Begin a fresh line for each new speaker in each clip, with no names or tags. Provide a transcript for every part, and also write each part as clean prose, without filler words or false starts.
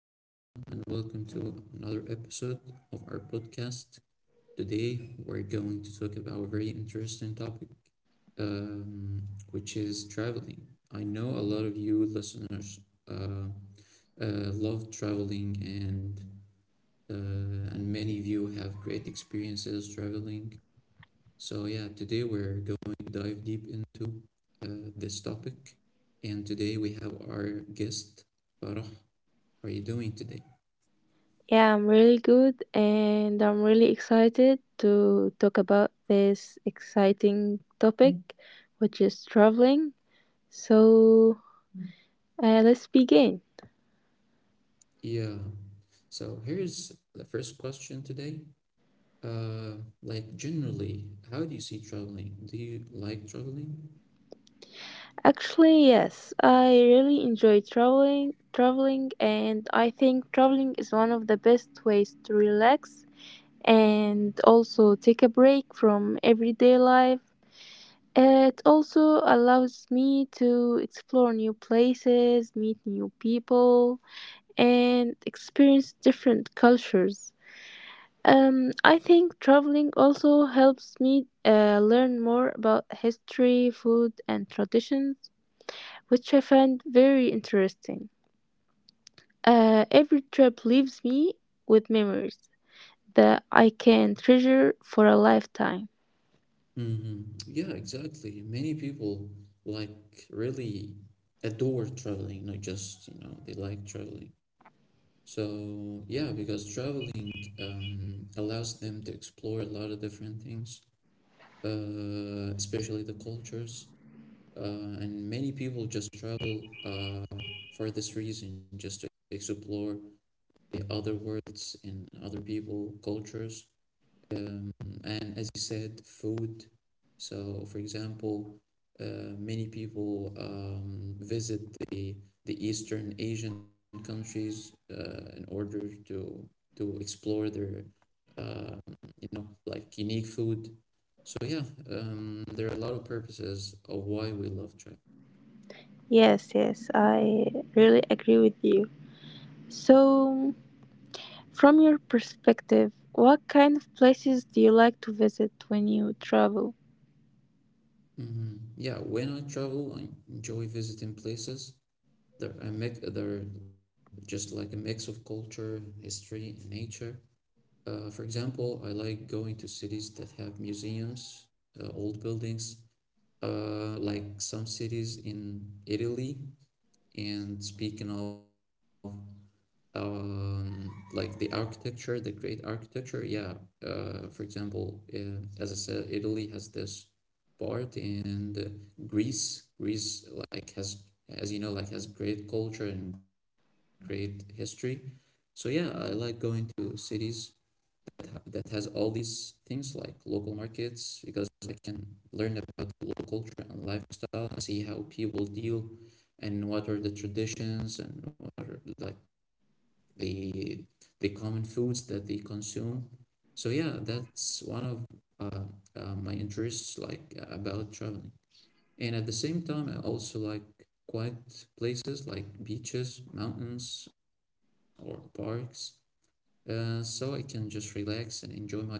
everyone, and welcome to another episode of our podcast. Today, we're going to talk about a very interesting topic, um, which is traveling. I know a lot of you listeners uh, love traveling, and and many of you have great experiences traveling. So yeah, today we're going to dive deep into this topic, and today we have our guest Farah. How are you doing today?
Yeah, I'm really good and I'm really excited to talk about this exciting topic, which is traveling. So, let's begin.
Yeah. So here's the first question today. Uh, like generally, how do you see traveling? Do you like traveling?
Actually, yes, I really enjoy traveling and I think traveling is one of the best ways to relax and also take a break from everyday life. It also allows me to explore new places, meet new people, and experience different cultures. I think traveling also helps me learn more about history, food, and traditions, which I find very interesting. Every trip leaves me with memories that I can treasure for a lifetime.
Yeah, exactly. Many people like really adore traveling, not just, you know, they like traveling. So yeah, because traveling allows them to explore a lot of different things, especially the cultures, and many people just travel for this reason, just to explore the other worlds and other people, cultures, um, and as you said, food. So, for example, many people visit the the Eastern Asian countries in order to to explore their uh, you know like unique food. So yeah, there are a lot of purposes of why we love travel.
Yes, I really agree with you. So, from your perspective, what kind of places do you like to visit when you travel?
Mhm. Yeah, when I travel, I enjoy visiting places. They're just like a mix of culture, history, and nature. For example, I like going to cities that have museums, old buildings, like some cities in Italy. And speaking of the architecture, the great architecture, yeah. As I said, Italy has this part in the Greece. Like has, as you know like has, great culture and great history. So yeah, I like going to cities that ha that has all these things like local markets because I can learn about the local culture and lifestyle and see how people deal and what are the traditions and what are like the common foods that they consume. So yeah, that's one of uh, my interests, like about traveling. And at the same time, I also like quiet places like beaches, mountains, or parks, so I can just relax and enjoy my time there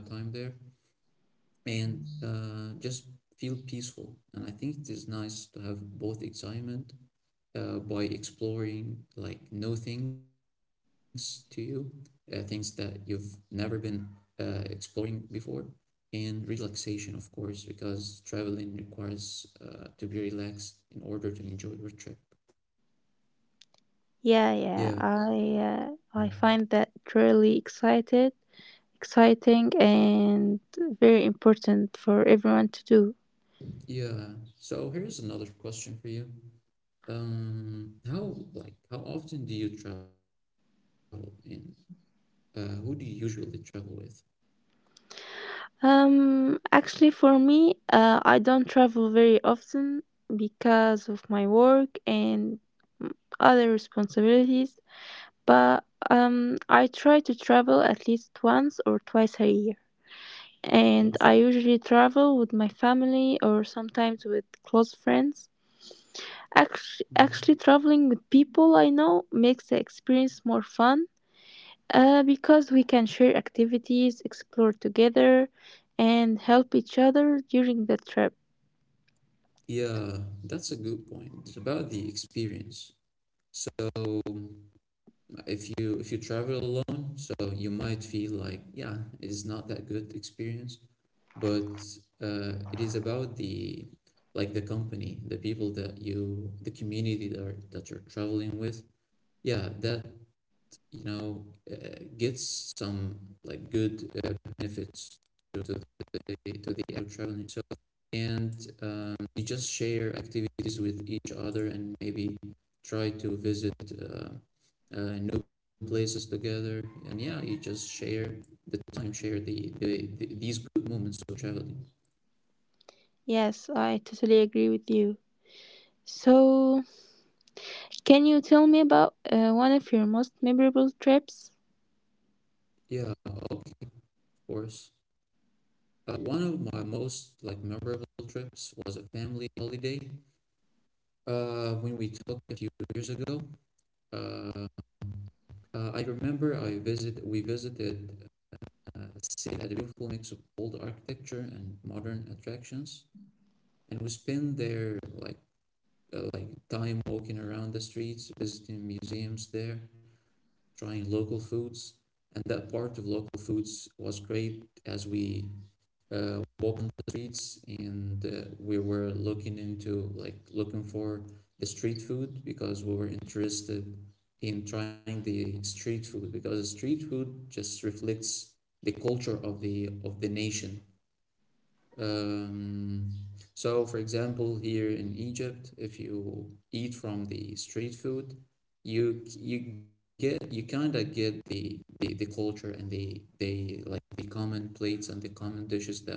and just feel peaceful. And I think it is nice to have both excitement by exploring like new things to you, things that you've never been exploring before, and relaxation, of course, because traveling requires to be relaxed in order to enjoy your trip.
Yeah, yeah.
Yeah,
I find that really excited, exciting, and very important for everyone to do.
yeah. So here's another question for you. How how often do you travel, and who do you usually travel with?
Actually, for me, I don't travel very often because of my work and other responsibilities, but I try to travel at least once or twice a year.
Perfect.
And I usually travel with my family or sometimes with close friends. Actually,
Mhm.
actually traveling with people I know makes the experience more fun because we can share activities, explore together, and help each other during the trip.
Yeah, that's a good point. It's about the experience. So if you travel alone, so you might feel like yeah, it is not that good experience, but it is about the like the company, the people that you, the community that are, that you're traveling with, yeah, that you know gets some like good benefits to the act of traveling itself and you just share activities with each other and maybe try to visit uh, new places together, and yeah you just share the time, share the these good moments of traveling.
Yes, I totally agree with you. So, can you tell me about one of your most memorable trips?
Yeah, okay, of course. One of my most like memorable trips was a family holiday when we talked a few years ago. Uh, I remember I visit we visited a city that had a beautiful mix of old architecture and modern attractions, and we spent there like time walking around the streets, visiting museums there, trying local foods, and that part of local foods was great as we walk on the streets and we were looking into like looking for the street food because we were interested in trying the street food because street food just reflects the culture of the nation. um, so, for example, here in Egypt, if you eat from the street food, you kind of get the culture and the like the common plates and the common dishes that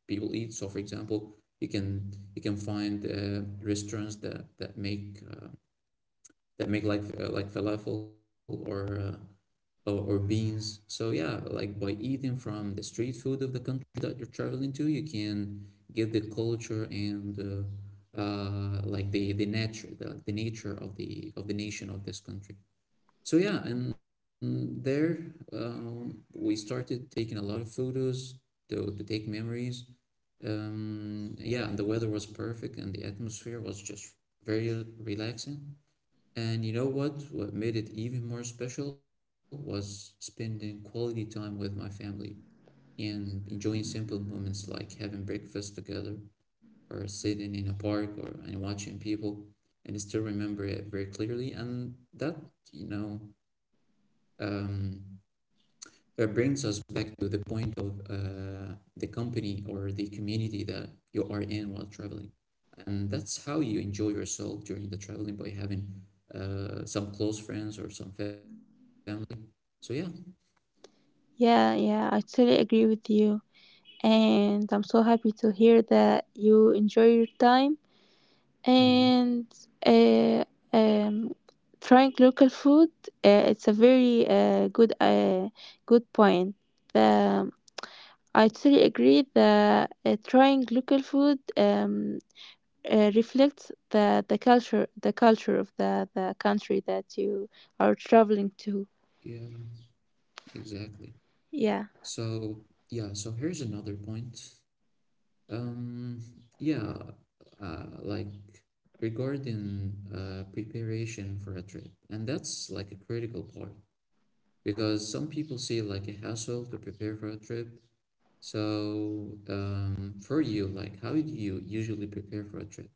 people eat. So, for example, you can find restaurants that make like falafel or or beans. So yeah, like by eating from the street food of the country that you're traveling to, you can get the culture and like the nature, the, like the nature of the nation of this country. So yeah, and there we started taking a lot of photos to take memories. Yeah, and the weather was perfect, and the atmosphere was just very relaxing. And you know what? What made it even more special was spending quality time with my family and enjoying simple moments like having breakfast together or sitting in a park or and watching people. And I still remember it very clearly. And that, you know, um, that brings us back to the point of the company or the community that you are in while traveling. And that's how you enjoy yourself during the traveling by having some close friends or some family. So, yeah.
Yeah, yeah, I totally agree with you. And I'm so happy to hear that you enjoy your time,
hmm
and uh, um, trying local food, it's a very good good point. the, um, I totally agree that trying local food reflects the culture of the country that you are
Yeah,
traveling to.
exactly.
yeah
So, yeah, so here's another point. Um, yeah, uh, like Regarding preparation for a trip, and that's like a critical part, because some people see it like a hassle to prepare for a trip. So, for you, like, how do you usually prepare for a trip?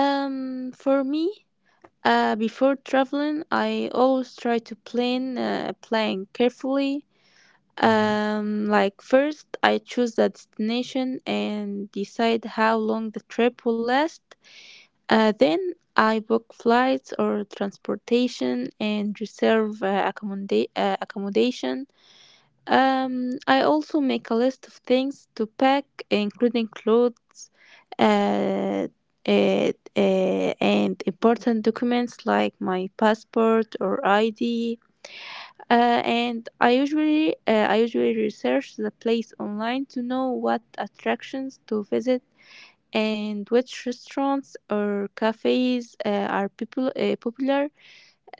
for me, before traveling I always try to plan, plan carefully.
Mm-hmm.
Like first, I choose the destination and decide how long the trip will last. Then I book flights or transportation and reserve accommodation. I also make a list of things to pack, including clothes, uh, and important documents like my passport or ID. And I usually research the place online to know what attractions to visit and which restaurants or cafes are people popular.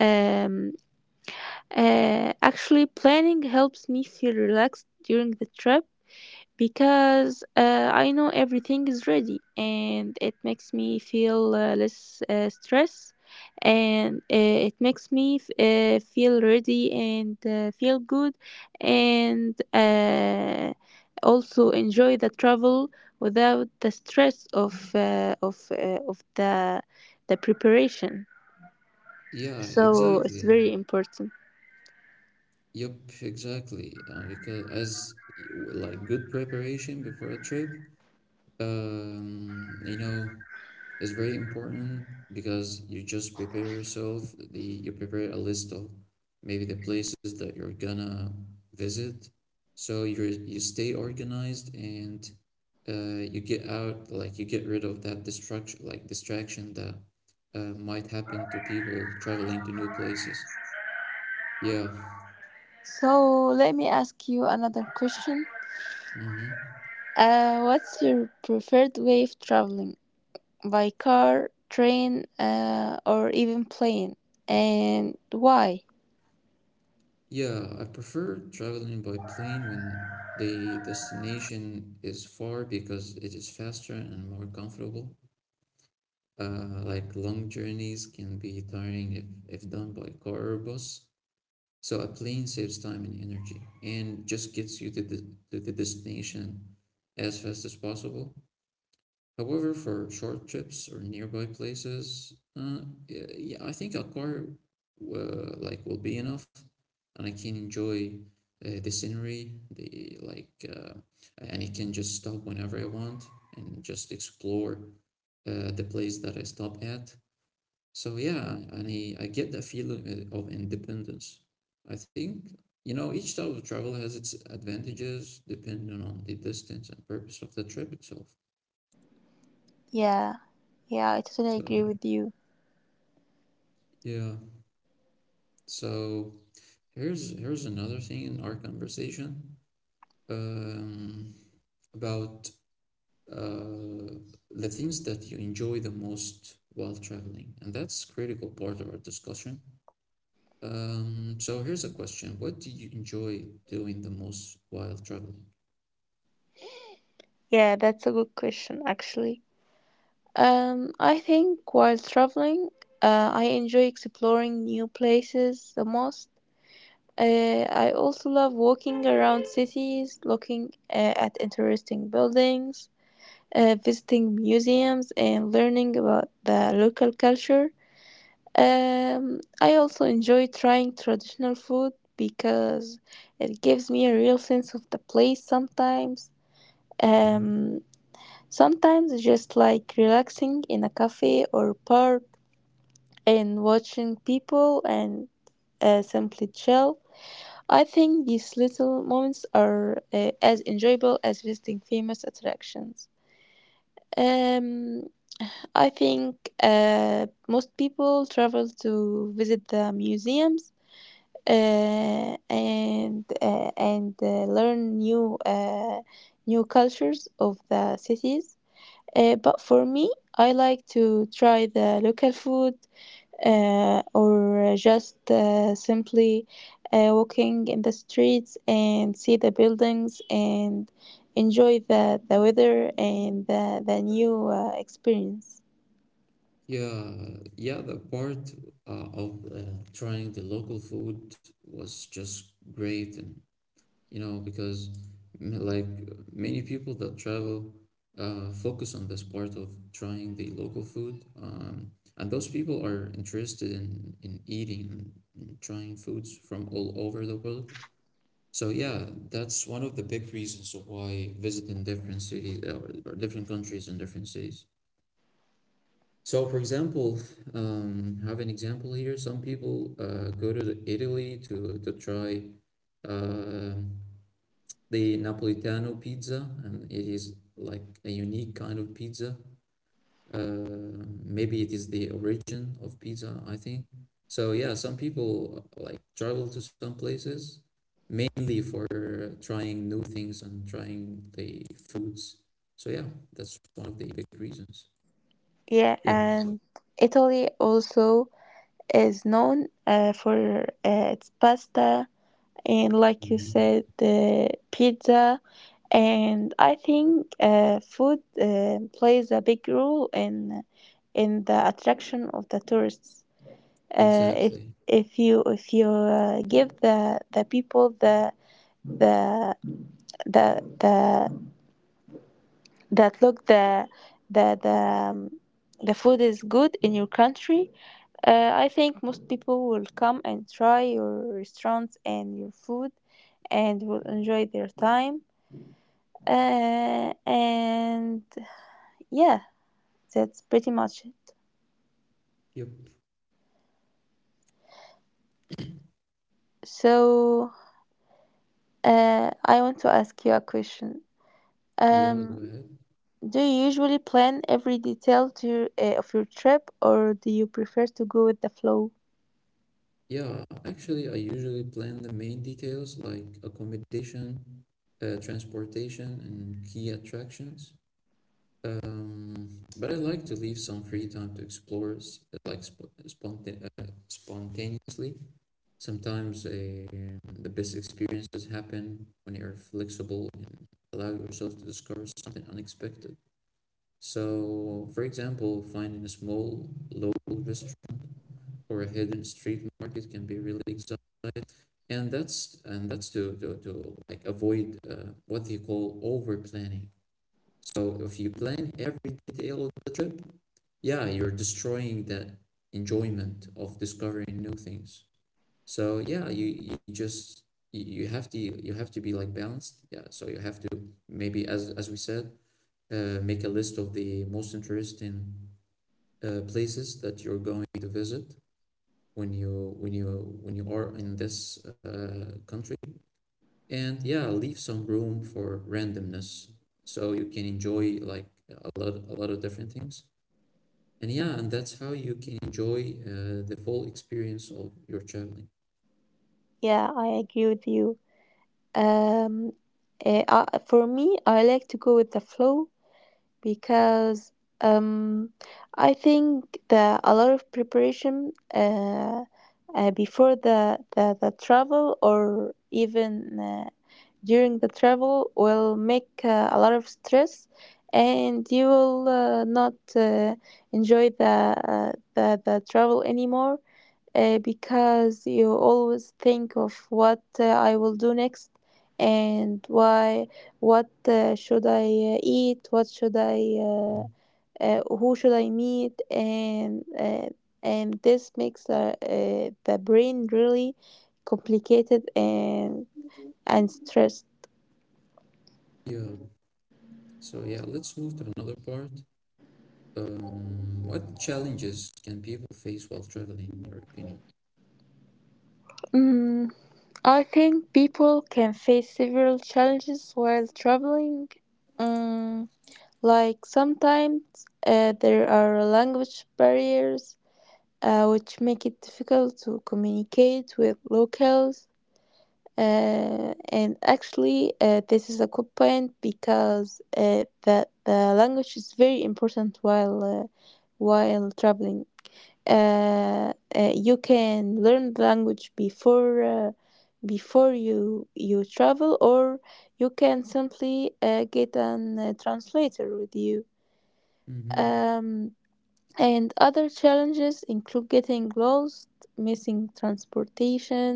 Um, Actually, planning helps me feel relaxed during the trip because I know everything is ready, and it makes me feel less stress, and it makes me feel ready and feel good, and also enjoy the travel without the stress of the preparation.
Yeah,
So it's
exactly.
very important.
Yep, exactly. Because as y- w- like good preparation before a trip, you know, is very important because you just prepare yourself the you prepare a list of maybe the places that you're gonna visit, so you stay organized, and you get rid of that distraction, like distraction that might happen to people traveling to new places. Yeah.
So let me ask you another question.
Mm-hmm.
What's your preferred way of traveling? By car, train, or even plane. And why?
Yeah, I prefer traveling by plane when the destination is far because it is faster and more comfortable. Like long journeys can be tiring if done by car or bus. So a plane saves time and energy and just gets you to the destination as fast as possible. However, for short trips or nearby places, yeah, yeah, I think a car like will be enough, and I can enjoy the scenery, the like, and I can just stop whenever I want and just explore the place that I stop at. So yeah, and I get that feeling of independence. I think, you know, each type of travel has its advantages depending on the distance and purpose of the trip itself.
Yeah, yeah, I totally
So
agree with you.
yeah. So here's another thing in our conversation um, about uh, the things that you enjoy the most while traveling, and that's critical part of our discussion. So here's a question. What do you enjoy doing the most while traveling?
Yeah, that's a good question, actually. I think while traveling, I enjoy exploring new places the most. I also love walking around cities, looking at interesting buildings, visiting museums, and learning about the local culture. I also enjoy trying traditional food because it gives me a real sense of the place sometimes.
hmm
Um, Sometimes just like relaxing in a cafe or park and watching people and simply chill. I think these little moments are as enjoyable as visiting famous attractions. Um, I think most people travel to visit the museums and learn new new cultures of the cities. But for me, I like to try the local food or just simply walking in the streets and see the buildings and enjoy the weather and the new experience.
Yeah, yeah, the part of trying the local food was just great, and you know, because like many people that travel focus on this part of trying the local food, and those people are interested in eating and trying foods from all over the world. So yeah, that's one of the big reasons of why visiting different cities or different countries and different cities. So for example, have an example here. Some people go to Italy to try um the Napolitano pizza, and it is like a unique kind of pizza. Maybe it is the origin of pizza, I think. So yeah, some people like travel to some places mainly for trying new things and trying the foods. So yeah, that's one of the big reasons.
Yeah,
Yeah.
and Italy also is known for its pasta and, like you
Mhm.
said, the pizza. And I think food plays a big role in the attraction of the tourists. Uh, if
Exactly.
if you if you give the people the the that look the the um, the food is good in your country, I think most people will come and try your restaurants and your food and will enjoy their time, and yeah that's pretty much it.
Yep.
So I want to ask you a question.
Yeah,
um,
go ahead.
do you usually plan every detail to your, of your trip, or do you prefer to go with the flow?
Yeah, actually, I usually plan the main details like accommodation, transportation, and key attractions. Um, but I like to leave some free time to explore, spontaneously. Sometimes the best experiences happen when you're flexible and allow yourself to discover something unexpected. So, for example, finding a small local restaurant or a hidden street market can be really exciting, and that's to like avoid what they call over planning. So if you plan every detail of the trip, yeah, you're destroying that enjoyment of discovering new things. So yeah, you have to be like balanced. Yeah, so you have to maybe as we said, make a list of the most interesting places that you're going to visit when you are in this country. And yeah, leave some room for randomness so you can enjoy like a lot of different things. And yeah, and that's how you can enjoy the full experience of your traveling.
Yeah I agree with you. um, for me, I like to go with the flow because um, I think that a lot of preparation before the travel, or even during the travel, will make a lot of stress, and you will not enjoy the travel anymore because you always think of what I will do next, and why, what should I eat, what should I uh, who should I meet, and this makes the brain really complicated and stressed.
Yeah. So yeah, let's move to another part. What challenges can people face while traveling, in your opinion?
Mm, I think people can face several challenges while traveling. Mm, like sometimes there are language barriers which make it difficult to communicate with locals. And actually, this is a good point because the language is very important while traveling. You can learn the language before before you travel, or you can simply get an translator with you.
Mm-hmm.
Um, and other challenges include getting lost, missing transportation,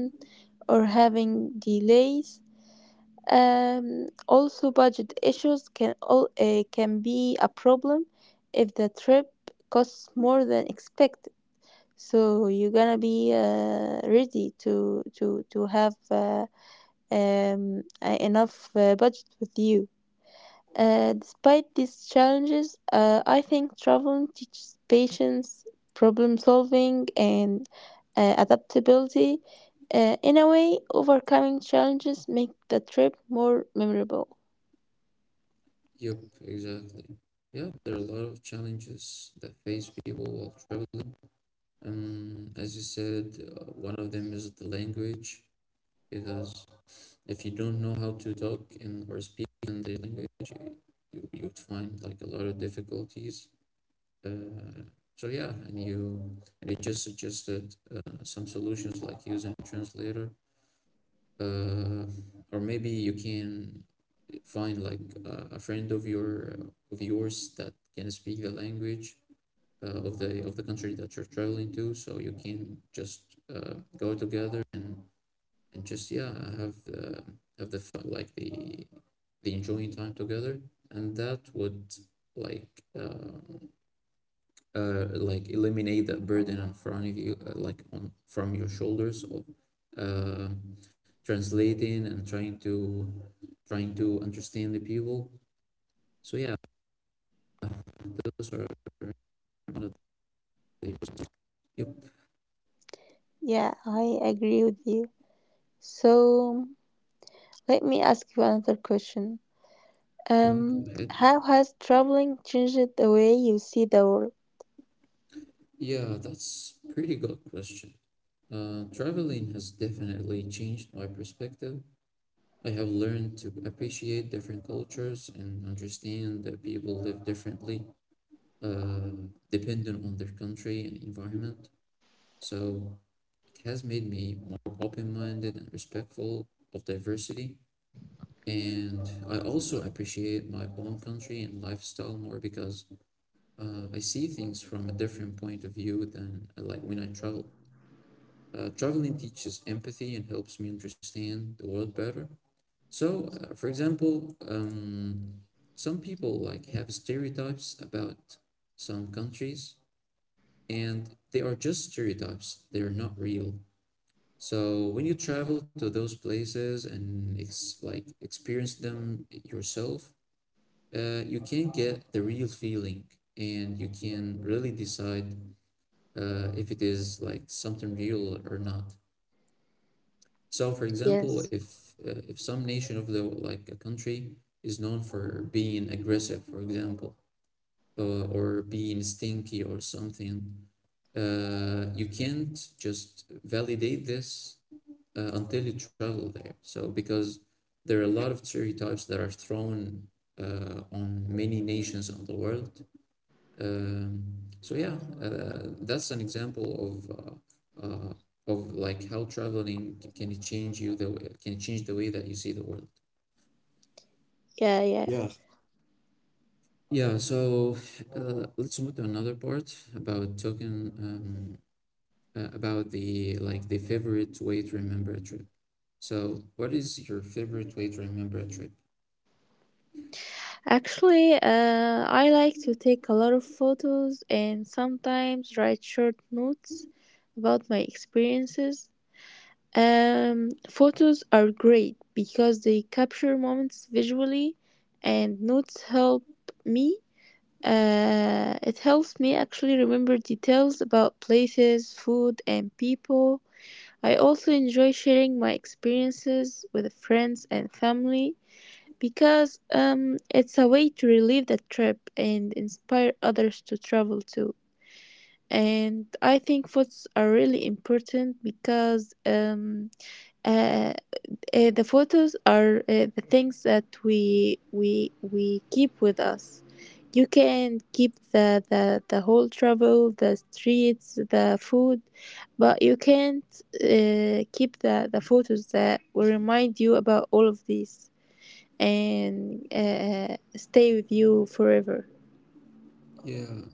or having delays. Also, budget issues can be a problem if the trip costs more than expected. So you're gonna be ready to have enough budget with you. Despite these challenges, I think traveling teaches patience, problem solving, and adaptability. In a way, overcoming challenges make the trip more memorable.
Yep, exactly. Yep, there are a lot of challenges that face people while traveling. As you said, one of them is the language, because if you don't know how to talk in or speak in the language you'd find like a lot of difficulties uh, so yeah, and you, and it just suggested some solutions like using a translator, uh, or maybe you can find like a friend of your of yours that can speak the language, of the country that you're traveling to, so you can just go together and just yeah have the have the like the enjoying time together, and that would like uh, like eliminate that burden in front of you, like on from your shoulders of uh, translating and trying to trying to understand the people. So yeah, those are one of the. Yep.
Yeah, I agree with you. So let me ask you another question.
Yeah, go ahead.
How has traveling changed the way you see the world?
Yeah, that's pretty good question. Traveling has definitely changed my perspective. I have learned to appreciate different cultures and understand that people live differently, uh, dependent on their country and environment. So it has made me more open minded and respectful of diversity. And I also appreciate my own country and lifestyle more because I see things from a different point of view than I, like, when I travel. Traveling teaches empathy and helps me understand the world better. So, for example, some people like have stereotypes about some countries, and they are just stereotypes. They are not real. So when you travel to those places and ex like experience them yourself, you can get the real feeling, and you can really decide if it is like something real or not. So, for example,
Yes.
if some nation of the like a country is known for being aggressive, for example, or being stinky or something, you can't just validate this until you travel there. So, because there are a lot of stereotypes that are thrown on many nations on the world, so yeah, that's an example of like how traveling c- can it change you the way, can it change the way that you see the world.
Yeah, yeah.
Yeah. Yeah, so let's move to another part about talking about the like the favorite way to remember a trip. So, what is your favorite way to remember a trip?
Actually, I like to take a lot of photos and sometimes write short notes about my experiences. Photos are great because they capture moments visually, and notes help me. It helps me actually remember details about places, food, and people. I also enjoy sharing my experiences with friends and family because it's a way to relive the trip and inspire others to travel too. And I think photos are really important because uh, the photos are the things that we keep with us. You can keep the whole travel, the streets, the food, but you can't keep the photos that will remind you about all of these and stay with you forever.
Yeah,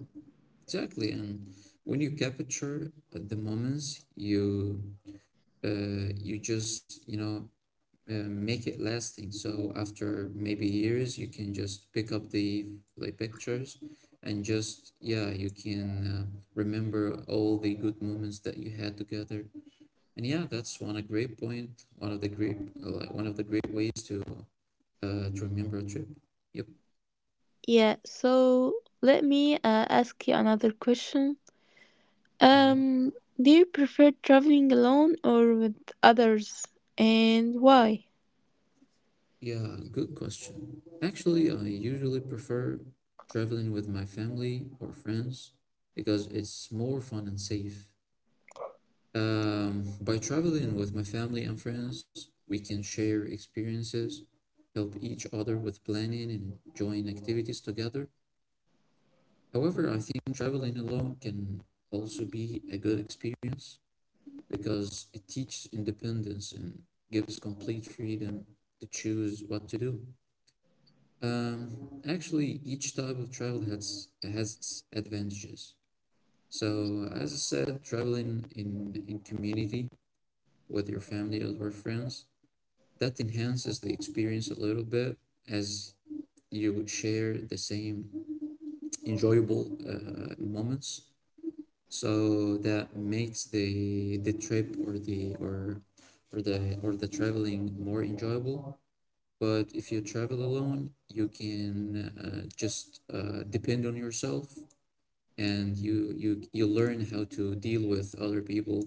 exactly. And when you capture the moments, you you just make it lasting. So after maybe years, you can just pick up the like pictures and just yeah, you can remember all the good moments that you had together. And yeah, that's one a great point. One of the great like one of the great ways to remember a trip. Yep.
Yeah, so let me ask you another question.
Yeah.
Um, do you prefer traveling alone or with others, and why?
Yeah, good question. Actually, I usually prefer traveling with my family or friends because it's more fun and safe. By traveling with my family and friends, we can share experiences, help each other with planning, and join activities together. However, I think traveling alone can also be a good experience because it teaches independence and gives complete freedom to choose what to do. Actually, each type of travel has its advantages. So, as I said, traveling in in community with your family or with friends, that enhances the experience a little bit, as you share the same enjoyable moments, so that makes the trip or the traveling more enjoyable. But if you travel alone, you can just depend on yourself, and you you learn how to deal with other people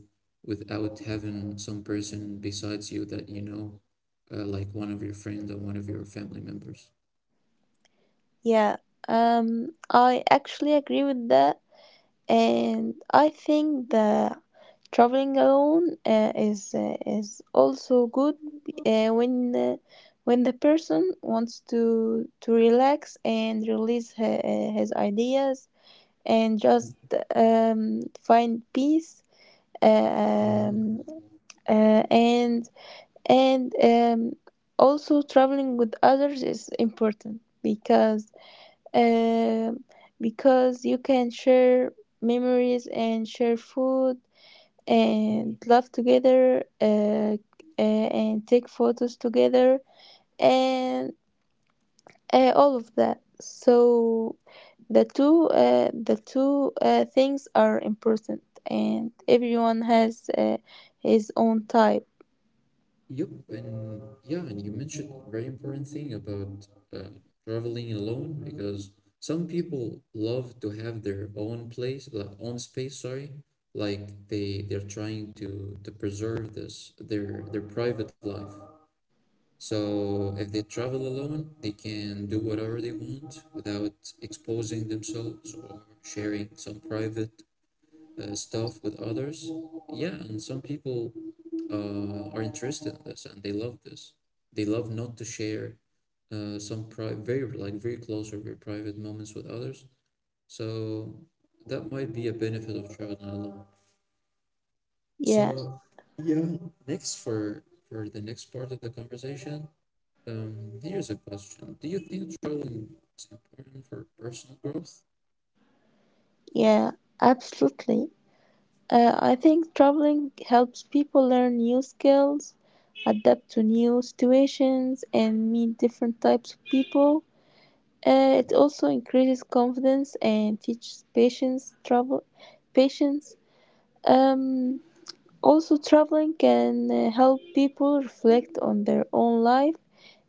without having some person besides you, that you know, like one of your friends or one of your family members.
Yeah, I actually agree with that. And I think that traveling alone is also good uh, when uh, when the person wants to relax and release her, his ideas and just find peace. Uh,
Yeah.
Um, uh, and and Also, traveling with others is important um, because you can share memories and share food and laugh together and take photos together and all of that. So the two things are important, and everyone has his own type.
Yep, and yeah, and you mentioned a very important thing about uh, traveling alone, because some people love to have their own place, like own space, sorry, like they're trying to preserve this their private life. So if they travel alone, they can do whatever they want without exposing themselves or sharing some private stuff with others. Yeah, and some people are interested in this and they love this. They love not to share some pri- very like very close or very private moments with others. So that might be a benefit of traveling alone.
Yeah,
So yeah, next for the next part of the conversation, here's a question. Do you think traveling is important for personal growth?
yeah, absolutely. I think traveling helps people learn new skills, adapt to new situations, and meet different types of people. It also increases confidence and teaches patience. Travel, patience. Um, Also, traveling can help people reflect on their own life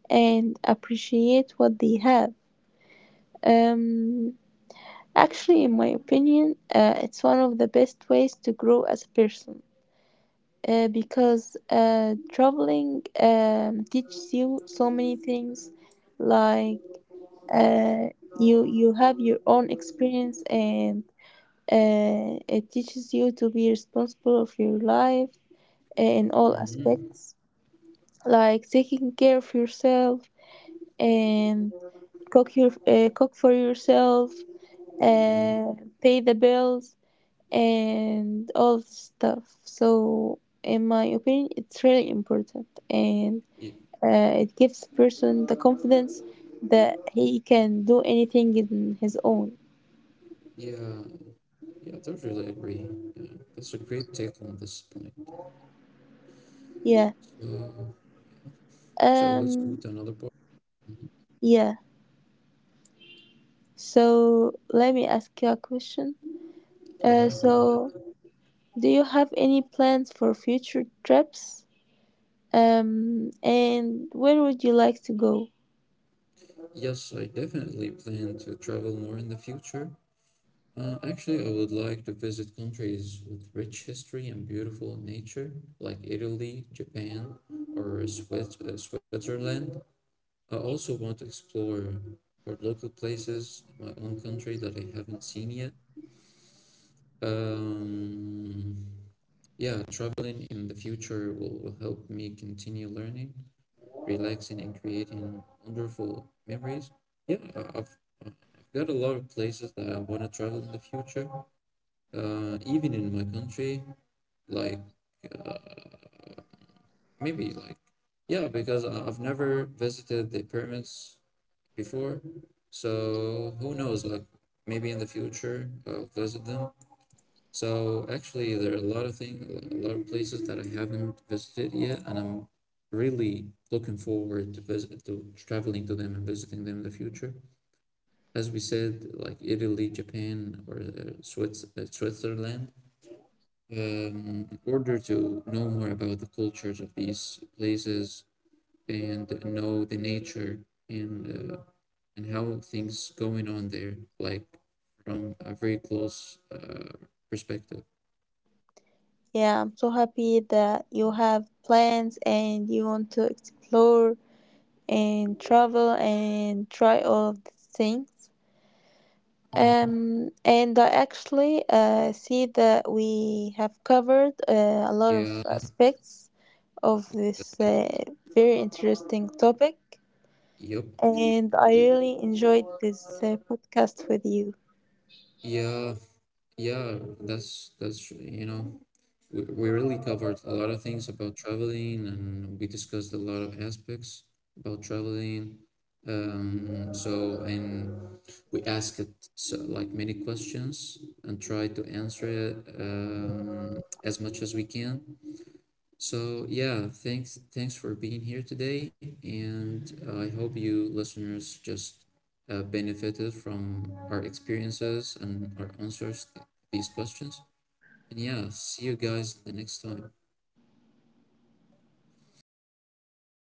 and appreciate what they have. Um, Actually, in my opinion, it's one of the best ways to grow as a person, because traveling teaches you so many things, like uh, you you have your own experience, and it teaches you to be responsible of your life in all
Mm-hmm.
aspects, like taking care of yourself and cook for yourself, uh,
Yeah,
pay the bills and all of this stuff. So, in my opinion, it's really important, and
yeah,
it gives person the confidence that he can do anything in his own.
yeah, yeah, I totally agree. Yeah, that's a great take on this point.
Yeah.
So, so let's move
Um.
to another part. Mhm.
Yeah. So let me ask you a question.
Yeah, go
So
ahead.
do you have any plans for future trips? And where would you like to go?
Yes, I definitely plan to travel more in the future. Actually, I would like to visit countries with rich history and beautiful nature, like Italy, Japan, or Swiss Switzerland. I also want to explore for local places in my own country that I haven't seen yet. Um, yeah, traveling in the future will help me continue learning, relaxing, and creating wonderful memories. Yeah, I've got a lot of places that I want to travel in the future, even in my country. Like maybe like yeah, because I've never visited the pyramids before. So who knows? Like maybe in the future I'll visit them. So actually, there are a lot of things, a lot of places that I haven't visited yet, and I'm really looking forward to visit to traveling to them and visiting them in the future. As we said, like Italy, Japan, or Switzerland. In order to know more about the cultures of these places and know the nature, and and how things going on there, like from a very close perspective.
Yeah, I'm so happy that you have plans and you want to explore and travel and try all of these things. And I actually see that we have covered a lot of
Yeah,
aspects of this very interesting topic,
yep,
and I really enjoyed this podcast with you.
yeah, yeah. That's we really covered a lot of things about traveling, and we discussed a lot of aspects about traveling. So and we asked it so, like many questions and try to answer it as much as we can. So yeah, thanks for being here today, and I hope you listeners just benefited from our experiences and our answers to these questions. And yeah, see you guys the next time.